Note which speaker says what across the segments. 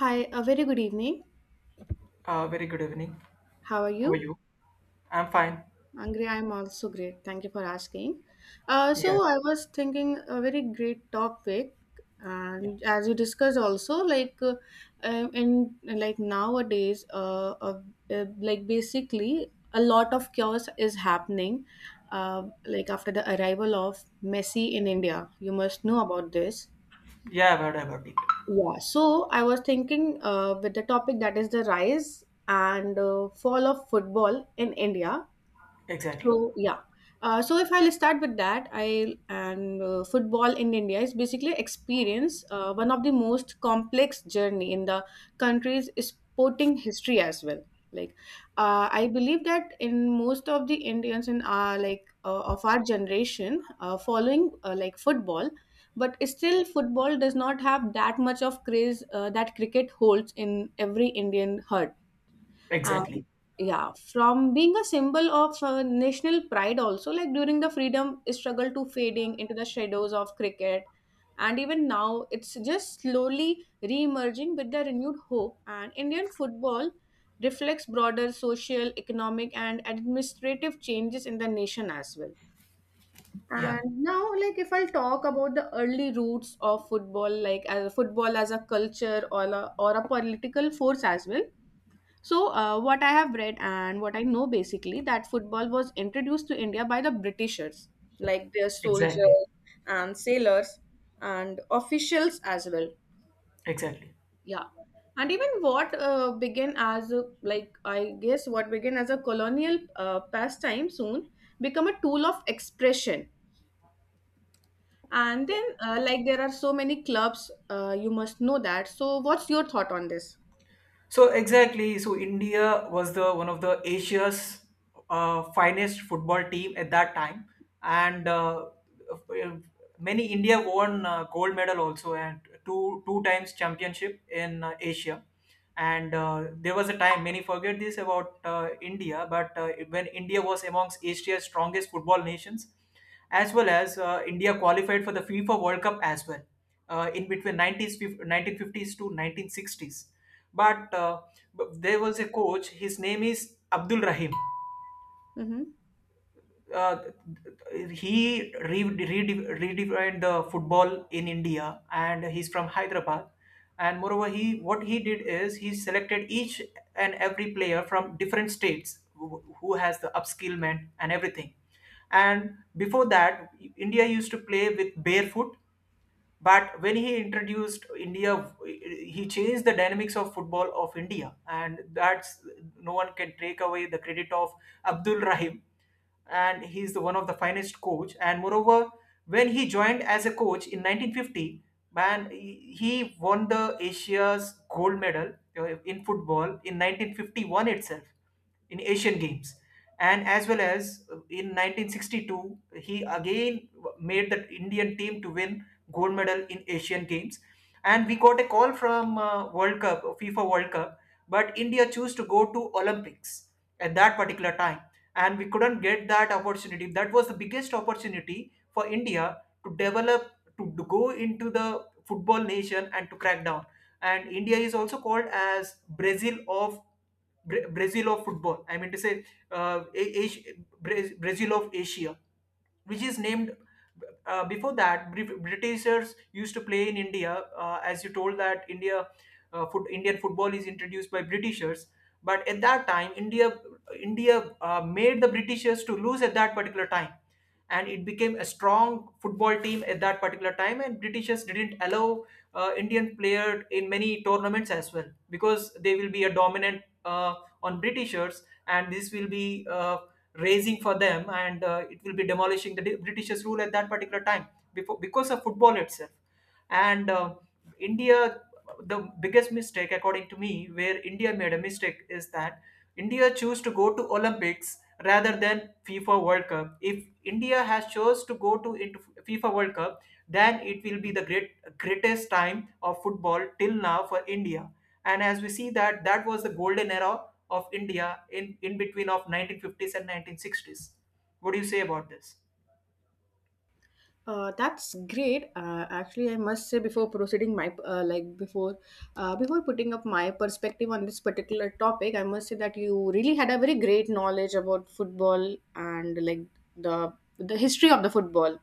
Speaker 1: Hi, a very good evening.
Speaker 2: Very good evening.
Speaker 1: How are
Speaker 2: How are
Speaker 1: you?
Speaker 2: you? I'm fine.
Speaker 1: Angry, I'm also great. Thank you for asking. Uh,
Speaker 2: Yeah,
Speaker 1: so I was thinking a very great topic,
Speaker 2: yeah,
Speaker 1: and as you discussed also, in nowadays, like basically a lot of chaos is happening. Like after the arrival of Messi in India, you must know about this.
Speaker 2: yeah. I've heard about it.
Speaker 1: Yeah, so I was thinking with the topic that is the rise and fall of football in India.
Speaker 2: Exactly,
Speaker 1: So yeah, so if I'll start with that, I and football in India is basically experience one of the most complex journey in the country's sporting history as well. Like, I believe that in most of the Indians in our of our generation, following like football, but still football does not have that much of craze that cricket holds in every Indian heart. And
Speaker 2: exactly.
Speaker 1: yeah, from being a symbol of national pride also, like during the freedom struggle, to fading into the shadows of cricket, and even now it's just slowly re-emerging with the renewed hope. And Indian football reflects broader social, economic and administrative changes in the nation as well.
Speaker 2: Yeah,
Speaker 1: And now, like if I'll talk about the early roots of football, like as football as a culture or or a political force as well. So, what I have read and what I know basically that football was introduced to India by the Britishers, like their soldiers
Speaker 2: exactly,
Speaker 1: and sailors and officials as well.
Speaker 2: exactly.
Speaker 1: Yeah. And even what began as a, like I guess what began as a colonial pastime soon become a tool of expression. And then like there are so many clubs. Uh, you must know that. So, what's your thought on this?
Speaker 2: So exactly, so India was the one of the Asia's finest football team at that time, and uh, many India won gold medal also and two times championship in Asia. And there was a time many forget this about India, but when India was amongst Asia's strongest football nations, as well as India qualified for the FIFA World Cup as well in between 90s, 1950s to 1960s, but, uh, but there was a coach. His name is Abdul Rahim.
Speaker 1: Hmm.
Speaker 2: Uh, he redefined the football in India, and he's from Hyderabad. And moreover, he what he did is he selected each and every player from different states who, has the upskillment and everything. And before that, India used to play with barefoot, but when he introduced India, he changed the dynamics of football of India, and that's no one can take away the credit of Abdul Rahim, and he's the one of the finest coach. And moreover, when he joined as a coach in 1950, man, he won the Asia's gold medal in football in 1951 itself in Asian Games, and as well as in 1962, he again made the Indian team to win gold medal in Asian Games, and we got a call from World Cup, FIFA World Cup, but India chose to go to Olympics at that particular time, and we couldn't get that opportunity. That was the biggest opportunity for India to develop, to go into the football nation and to crack down. And India is also called as Brazil of football. I mean to say, Asia, Brazil of Asia, which is named, before that, Britishers used to play in India, as you told that India, Indian football is introduced by Britishers, but at that time, India made the Britishers to lose at that particular time, and it became a strong football team at that particular time, and Britishers didn't allow Indian player in many tournaments as well because they will be a dominant on Britishers, and this will be raising for them, and it will be demolishing the Britishers rule at that particular time before because of football itself. And uh, india the biggest mistake according to me where India made a mistake is that India chose to go to Olympics rather than FIFA World Cup. If India has chose to go to into FIFA World Cup, then it will be the greatest time of football till now for India. And as we see that, that was the golden era of India in between of 1950s and 1960s. What do you say about this?
Speaker 1: That's great. Actually, I must say before proceeding my like before before putting up my perspective on this particular topic, I must say that you really had a very great knowledge about football and like the history of the football.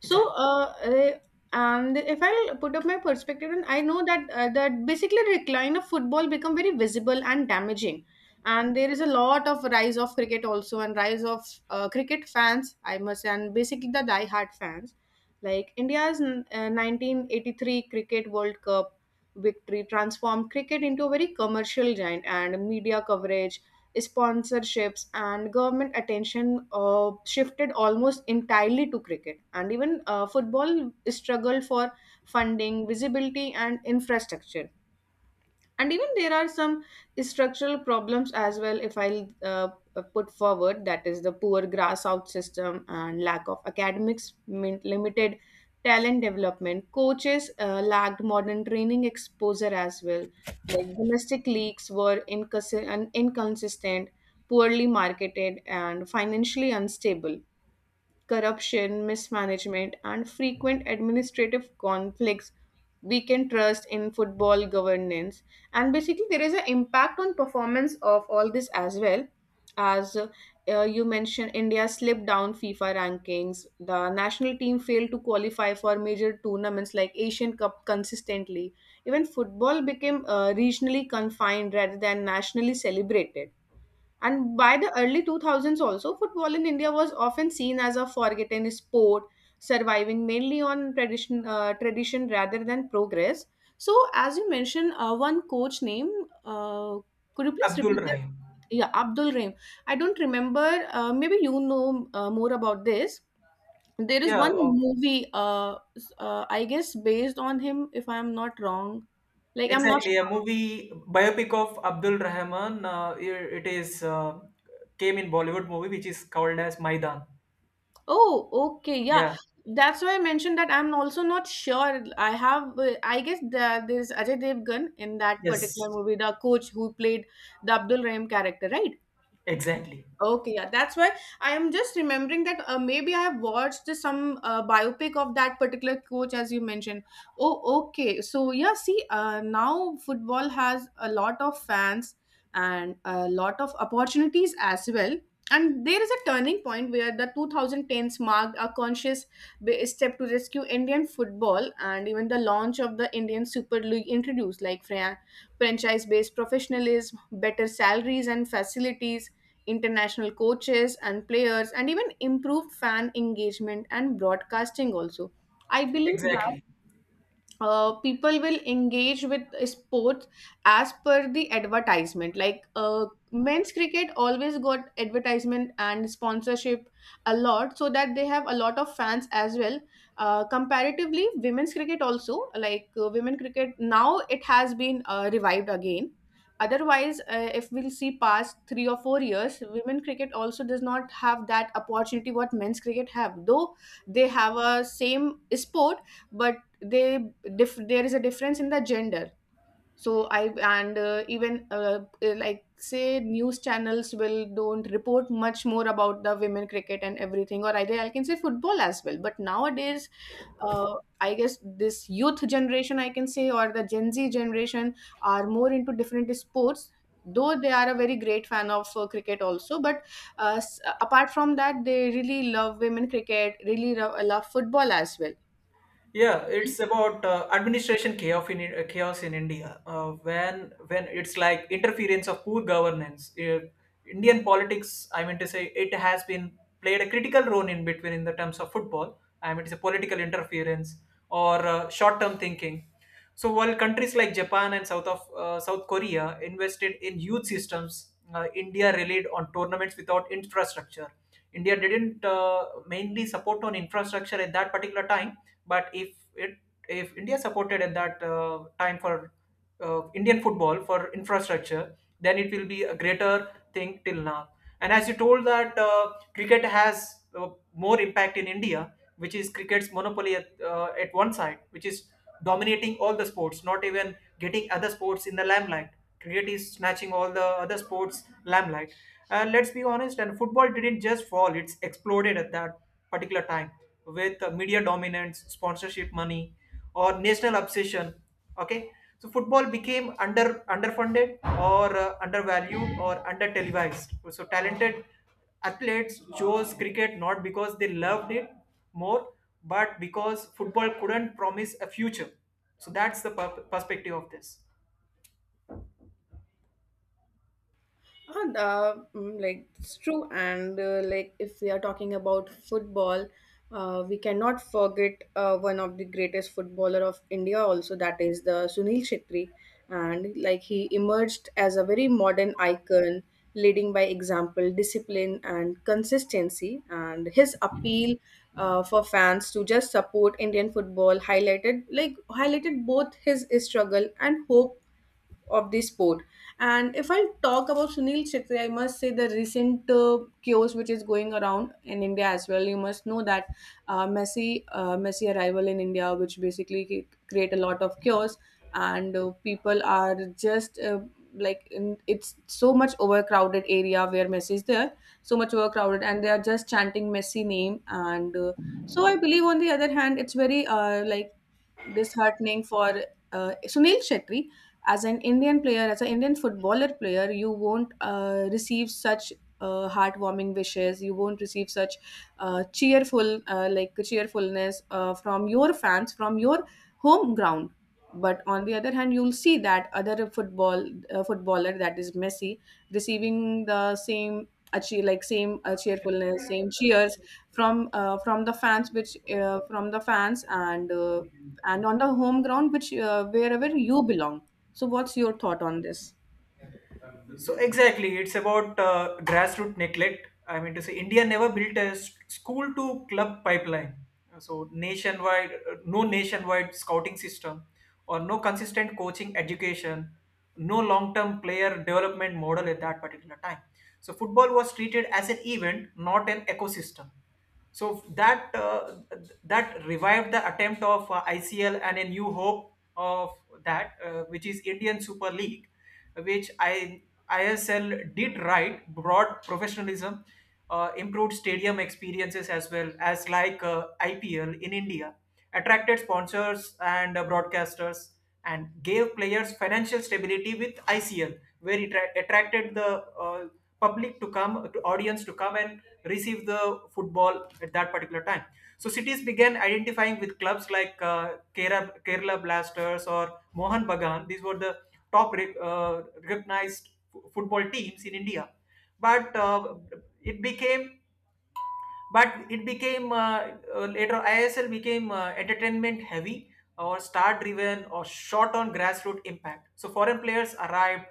Speaker 1: So,
Speaker 2: Exactly.
Speaker 1: and if I put up my perspective, and I know that that basically decline of football become very visible and damaging, and there is a lot of rise of cricket also, and rise of cricket fans, I must say, and basically the die-hard fans. Like India's 1983 Cricket World Cup victory transformed cricket into a very commercial giant, and media coverage, sponsorships and government attention shifted almost entirely to cricket, and even football struggled for funding, visibility and infrastructure. And even there are some structural problems as well, if I'll put forward, that is the poor grass out system and lack of academics, limited talent development, coaches lacked modern training exposure as well, like domestic leagues were inconsistent, poorly marketed and financially unstable. Corruption, mismanagement, and frequent administrative conflicts, we can trust in football governance. And basically, there is an impact on performance of all this as well. As you mentioned, India slipped down FIFA rankings. The national team failed to qualify for major tournaments like Asian Cup consistently. Even football became regionally confined rather than nationally celebrated, and by the early 2000s, also, football in India was often seen as a forgotten sport, surviving mainly on tradition, tradition rather than progress. So, as you mentioned, one coach name, uh, could you please
Speaker 2: Abdul
Speaker 1: repeat that?
Speaker 2: Rahim.
Speaker 1: Yeah, Abdul Rahim. I don't remember. Maybe you know more about this. There is
Speaker 2: yeah
Speaker 1: one
Speaker 2: uh,
Speaker 1: movie, I guess, based on him, if I'm not wrong. Like, I'm not sure.
Speaker 2: Exactly, a movie biopic of Abdul Rahman. It is came in Bollywood movie, which is called as Maidan.
Speaker 1: Oh, okay. Yeah.
Speaker 2: Yeah.
Speaker 1: That's why I mentioned that I'm also not sure. I have, I guess there's Ajay Devgan in that particular
Speaker 2: Yes.
Speaker 1: movie, the coach who played the Abdul Rahim character, right?
Speaker 2: Exactly.
Speaker 1: Okay, yeah, that's why I am just remembering that maybe I have watched some biopic of that particular coach as you mentioned. Oh, okay. So yeah, see, now football has a lot of fans and a lot of opportunities as well. And there is a turning point where the 2010s marked a conscious step to rescue Indian football, and even the launch of the Indian Super League introduced like franchise-based professionalism, better salaries and facilities, international coaches and players, and even improved fan engagement and broadcasting also. I believe that
Speaker 2: Exactly.
Speaker 1: people will engage with sports as per the advertisement, like men's cricket always got advertisement and sponsorship a lot, so that they have a lot of fans as well. Uh, comparatively, women's cricket also, like women cricket now, it has been revived again. Otherwise, if we'll see past 3 or 4 years, women cricket also does not have that opportunity what men's cricket have, though they have a same sport, but they there is a difference in the gender. So I, and even like, say, news channels will don't report much more about the women cricket and everything, or either I can say football as well. But nowadays, uh, I guess this youth generation, I can say, or the Gen Z generation, are more into different sports, though they are a very great fan of cricket also. But apart from that, they really love women cricket, really love football as well.
Speaker 2: Yeah, it's about administration chaos in, chaos in India. When it's like interference of poor governance, Indian politics. I mean to say it has been played a critical role in between in the terms of football. I mean it's a political interference or short-term thinking. So while countries like Japan and South Korea invested in youth systems, India relied on tournaments without infrastructure. India didn't mainly support on infrastructure at that particular time, but if India supported at that time for Indian football for infrastructure, then it will be a greater thing till now. And as you told that cricket has more impact in India, which is cricket's monopoly at one side, which is dominating all the sports, not even getting other sports in the limelight. Cricket is snatching all the other sports limelight. And let's be honest, and football didn't just fall; it's exploded at that particular time with media dominance, sponsorship money, or national obsession. Okay, so football became underfunded or undervalued or under televised. So talented athletes chose cricket not because they loved it more, but because football couldn't promise a future. So that's the perspective of this.
Speaker 1: And, like it's true, and like if we are talking about football, we cannot forget one of the greatest footballer of India, also, that is the Sunil Shetty, and like he emerged as a very modern icon, leading by example, discipline and consistency, and his appeal. For fans to just support Indian football highlighted both his struggle and hope of the sport. And if I talk about Sunil Chhetri, I must say the recent chaos which is going around in India as well. You must know that uh, Messi arrival in India, which basically create a lot of chaos, and people are just like in, it's so much overcrowded area where Messi is there, so much overcrowded, and they are just chanting Messi name. And so I believe on the other hand, it's very like disheartening for Sunil Chetty. As an Indian player, as an Indian footballer player, you won't receive such heartwarming wishes. You won't receive such like cheerfulness from your fans, from your home ground. But on the other hand, you'll see that other football footballer, that is Messi, receiving the same achieve like same cheerfulness, same cheers from the fans, which from the fans, and on the home ground, which wherever you belong. So, what's your thought on this?
Speaker 2: So exactly, it's about grassroots neglect. I mean to say, India never built a school to club pipeline. So no nationwide scouting system, or no consistent coaching education, no long-term player development model at that particular time. So football was treated as an event, not an ecosystem. So that revived the attempt of ICL and a new hope of which is Indian Super League, which I ISL did right, brought professionalism, improved stadium experiences as well as like IPL in India, attracted sponsors and broadcasters, and gave players financial stability with ICL, where it attracted the public to come, to audience to come and receive the football at that particular time. So cities began identifying with clubs like Kerala Blasters or Mohan Bagan. These were the top recognized football teams in India. But it became but it became later ISL became entertainment heavy or star driven or short on grassroots impact. So foreign players arrived,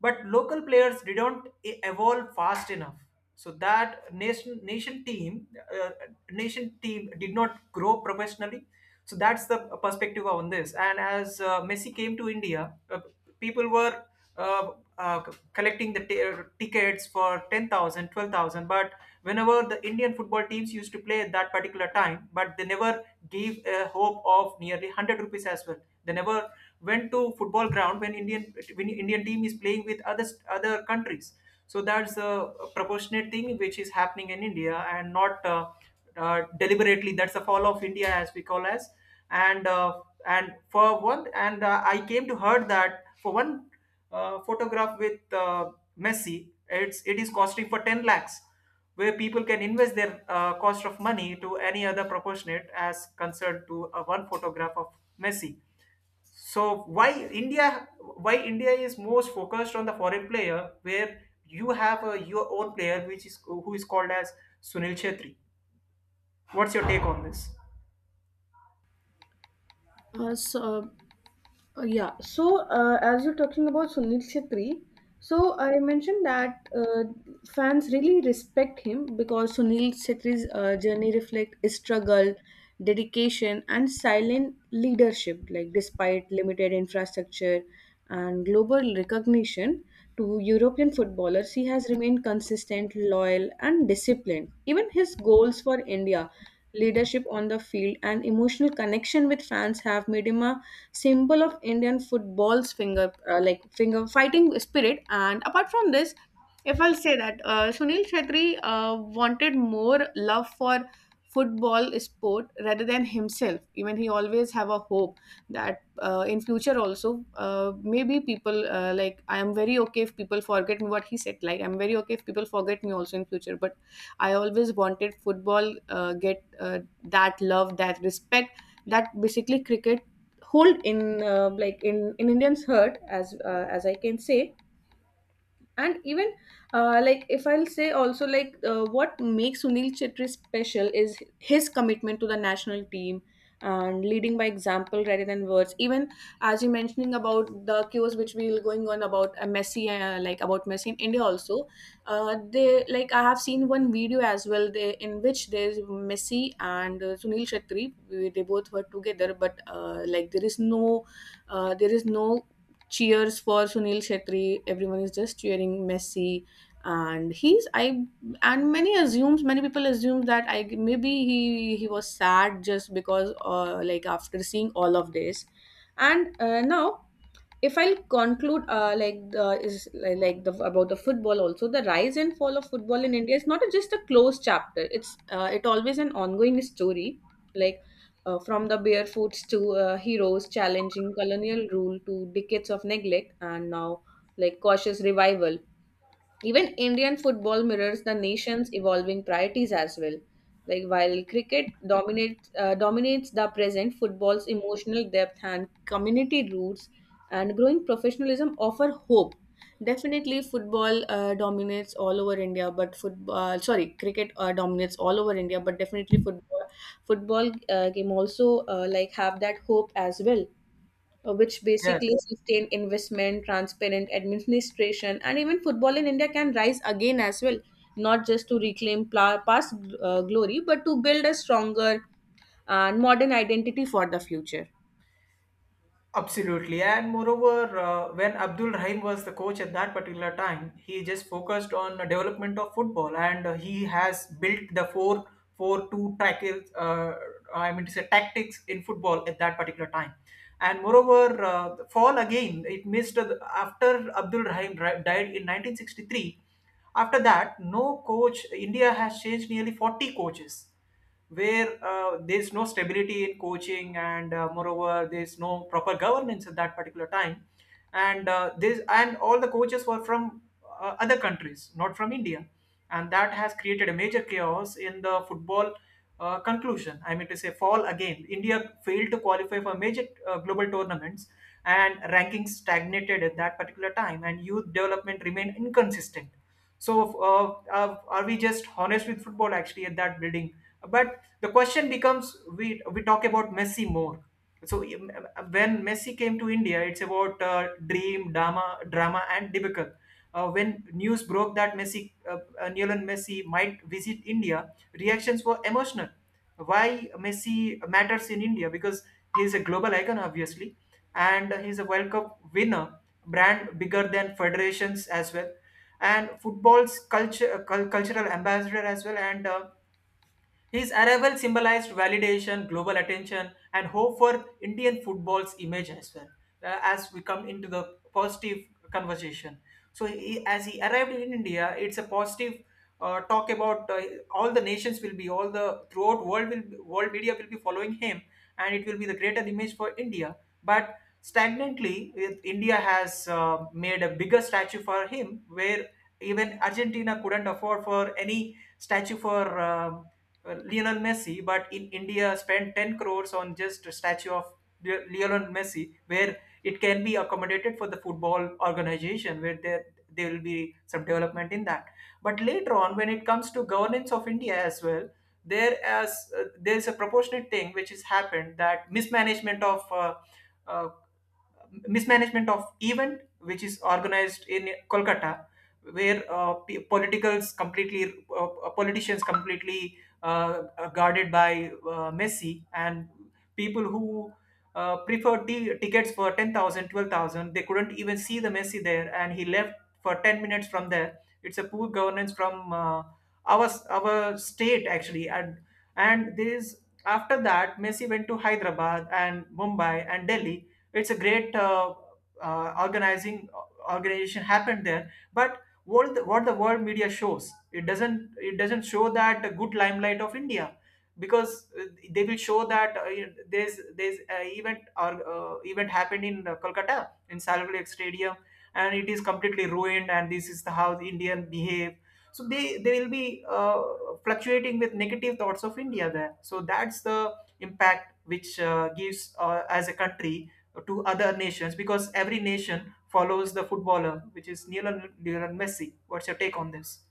Speaker 2: but local players didn't evolve fast enough. So that uh, nation team did not grow professionally. So that's the perspective on this. And as Messi came to India, people were uh, uh, collecting the tickets for 10,000, 12,000, but whenever the Indian football teams used to play at that particular time, but they never gave a hope of nearly 100 rupees as well. They never went to football ground when Indian team is playing with other countries. So that's a proportionate thing which is happening in India and not deliberately. That's the fall of India as we call as. And uh, and for one, and I came to heard that for one photograph with Messi, it is costing for 10 lakhs, where people can invest their cost of money to any other proportionate as concerned to one photograph of Messi. So why India? Why India is most focused on the foreign player, where you have your own player, which is who is called as Sunil Chhetri. What's your take on this?
Speaker 1: Uh, so, yeah. So, as you're talking about Sunil Chhetri, so I mentioned that fans really respect him because Sunil Chhetri's journey reflects struggle, dedication, and silent leadership. Like despite limited infrastructure and global recognition to European footballers, he has remained consistent, loyal, and disciplined. Even his goals for India, leadership on the field, and emotional connection with fans have made him a symbol of Indian football's finger, finger fighting spirit. And apart from this, if I'll say that Sunil Chhetri wanted more love for football sport rather than himself. Even he always have a hope that in future also, maybe people, like I am very okay if people forget me, what he said. Like I'm very okay if people forget me also in future, but I always wanted football get that love, that respect that basically cricket hold in in Indian's heart, as I can say. And even like if I'll say also, like what makes Sunil Chetri special is his commitment to the national team and leading by example rather than words. Even as you mentioning about the cues which we will going on about messi like about Messi in India also, they, like I have seen one video as well, in which there's Messi and Sunil Chetri they both were together, but like there is no cheers for Sunil Shetty. Everyone is just cheering Messi, and he's I and many assumes many people assume that I maybe he was sad just because like after seeing all of this. And now if I'll conclude like the is like the about the football also, the rise and fall of football in India is not a, just a closed chapter. It always an ongoing story, like from the barefoots to heroes challenging colonial rule, to decades of neglect, and now like cautious revival. Even Indian football mirrors the nation's evolving priorities as well. Like while cricket dominates dominates the present, football's emotional depth and community roots and growing professionalism offer hope. Definitely, football dominates all over India, but football sorry, cricket dominates all over India, but definitely football football game also like have that hope as well, which
Speaker 2: Yes.
Speaker 1: basically sustain investment, transparent administration, and even football in India can rise again as well, not just to reclaim past glory, but to build a stronger and modern identity for the future.
Speaker 2: Absolutely, and moreover, when Abdul Rahim was the coach at that particular time, he just focused on the development of football, and he has built the 4-4-2 tackles. I mean to say tactics in football at that particular time, and moreover, the fall again it missed after Abdul Rahim died in 1963. After that, no coach. India has changed nearly 40 coaches, where there's no stability in coaching, and moreover, there's no proper governance at that particular time, and this, and all the coaches were from other countries, not from India, and that has created a major chaos in the football. Conclusion, I mean to say, fall again India failed to qualify for major global tournaments, and rankings stagnated at that particular time, and youth development remained inconsistent. So uh, are we just honest with football actually at that building? But the question becomes, we talk about Messi more. So when Messi came to India, it's about dream, drama, drama, and debacle. When news broke that Lionel Messi might visit India, reactions were emotional. Why Messi matters in India? Because he's a global icon, obviously, and he's a World Cup winner, brand bigger than federations as well, and football's cultural ambassador as well, and his arrival symbolized validation, global attention, and hope for Indian football's image as well. As we come into the positive conversation, so as he arrived in India, it's a positive talk about. All the nations will be all the Throughout world world media will be following him, and it will be the greater image for India. But stagnantly, India has made a bigger statue for him, where even Argentina couldn't afford for any statue for. um Lionel Messi, but in India spent 10 crores on just a statue of Lionel Messi, where it can be accommodated for the football organization, where there will be some development in that. But later on, when it comes to governance of India as well, there is a proportionate thing which has happened, that uh, mismanagement of event which is organized in Kolkata, where p- politicals completely politicians completely uh, guarded by Messi, and people who preferred the tickets for 10,000, 12,000. They couldn't even see the Messi there, and he left for 10 minutes from there. It's a poor governance from our state actually, and this, after that Messi went to Hyderabad and Mumbai and Delhi. It's a great organizing organization happened there, but what the world media shows, it doesn't show that good limelight of India, because they will show that you there's a event happened in Kolkata in Salil Lake Stadium, and it is completely ruined, and this is the how the Indian behave. So they will be uh, fluctuating with negative thoughts of India there, so that's the impact which gives as a country to other nations, because every nation follows the footballer, which is Lionel Messi. What's your take on this?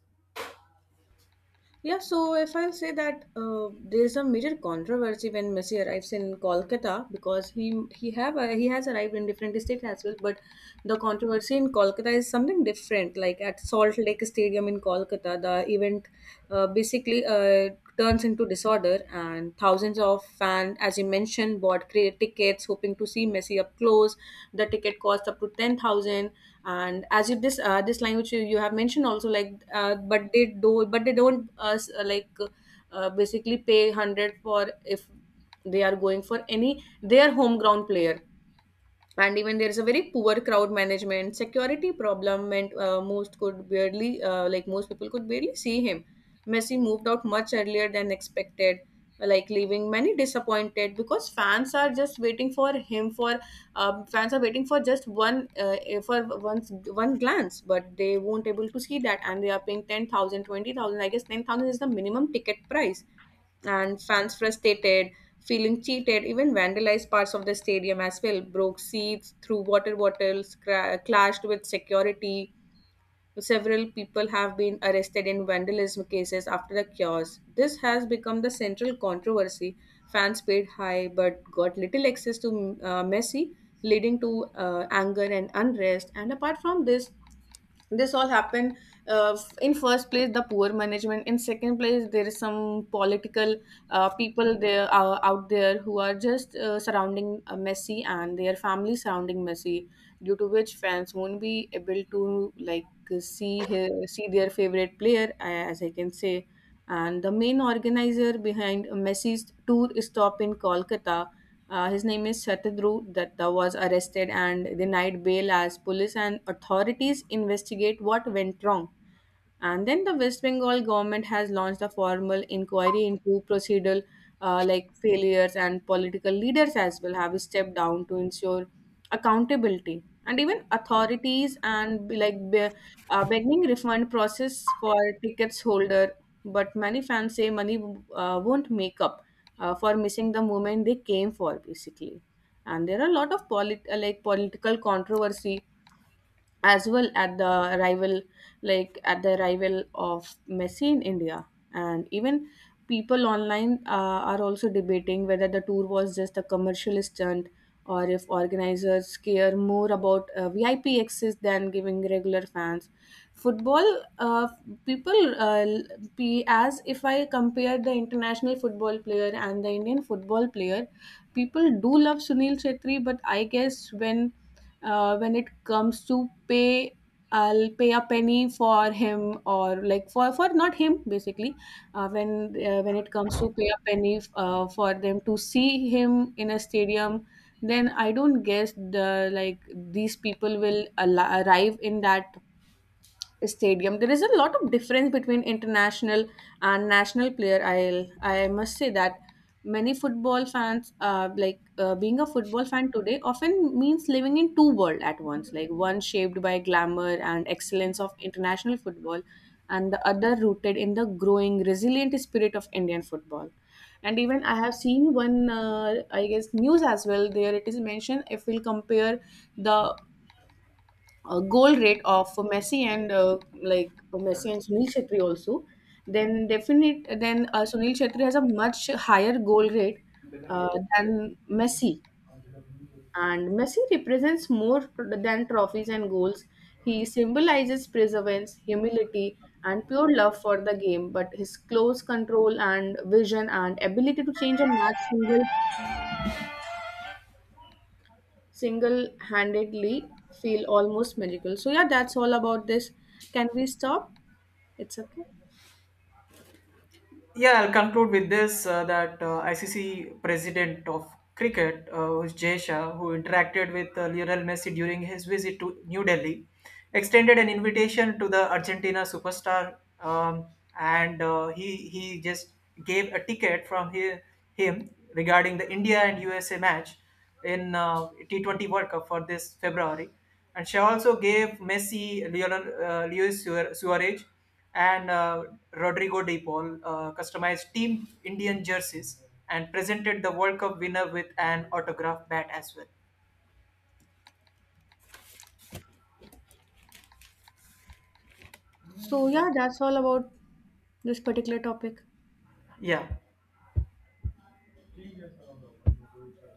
Speaker 1: Yeah, so if I'll say that, there's a major controversy when Messi arrives in Kolkata, because he has arrived in different states as well, but the controversy in Kolkata is something different. Like at Salt Lake Stadium in Kolkata, the event basically turns into disorder, and thousands of fans, as you mentioned, bought tickets hoping to see Messi up close. The ticket cost up to 10,000. And as you, this line which you have mentioned also, like but they do but they don't like basically pay 100 for if they are going for any their home ground player. And even there is a very poor crowd management, security problem, and most people could barely see him. Messi moved out much earlier than expected, like leaving many disappointed, because fans are waiting for just one eh, for once one glance, but they won't able to see that, and they are paying 10,000, 20,000. I guess 10,000 is the minimum ticket price. And fans, frustrated, feeling cheated, even vandalized parts of the stadium as well, broke seats, threw water bottles, clashed with security. Several people have been arrested in vandalism cases after the chaos. This has become the central controversy. Fans paid high but got little access to Messi, leading to anger and unrest. And apart from this, this all happened, in first place the poor management, in second place there is some political people there, out there, who are just surrounding Messi and their family surrounding Messi, due to which fans won't be able to see their favorite player, as I can say. And the main organizer behind Messi's tour stop in Kolkata, his name is Shatadru Datta, was arrested and denied bail as police and authorities investigate what went wrong. And then the West Bengal government has launched a formal inquiry into procedural failures, and political leaders as well have stepped down to ensure accountability. And even authorities and beginning refund process for tickets holder, but many fans say money won't make up for missing the moment they came for, basically. And there are a lot of political controversy as well at the arrival, like at the arrival of Messi in India. And even people online are also debating whether the tour was just a commercial stunt, or if organizers care more about VIP access than giving regular fans football. Uh, people l- be As if I compare the international football player and the Indian football player, people do love Sunil Chetri, but I guess when it comes to pay, I'll pay a penny for him, or like for not him, basically. uh, when when it comes to pay a penny for them to see him in a stadium, then I don't guess the like these people will arrive in that stadium. There is a lot of difference between international and national player, I'll I must say that. Many football fans, being a football fan today, often means living in two world at once, like one shaped by glamour and excellence of international football, and the other rooted in the growing resilient spirit of Indian football. And even I have seen one I guess news as well, there it is mentioned, if we'll compare the goal rate of Messi and Messi and Sunil Shetty also, then definite then Sunil Shetty has a much higher goal rate uh, than Messi. And Messi represents more than trophies and goals. He symbolizes perseverance, humility, and pure love for the game. But his close control and vision and ability to change a match single handedly feel almost magical. So yeah, that's all about this. Can we stop? It's okay.
Speaker 2: Yeah, I'll conclude with this that ICC president of cricket, who's Jay Shah, who interacted with Lionel Messi during his visit to New Delhi, extended an invitation to the Argentina superstar, and he just gave a ticket from his him regarding the India and USA match in T20 World Cup for this February, and she also gave Messi, Luis Suarez and Rodrigo De Paul customized Team Indian jerseys and presented the World Cup winner with an autograph bat as well.
Speaker 1: So yeah, that's all about this particular topic.
Speaker 2: Yeah.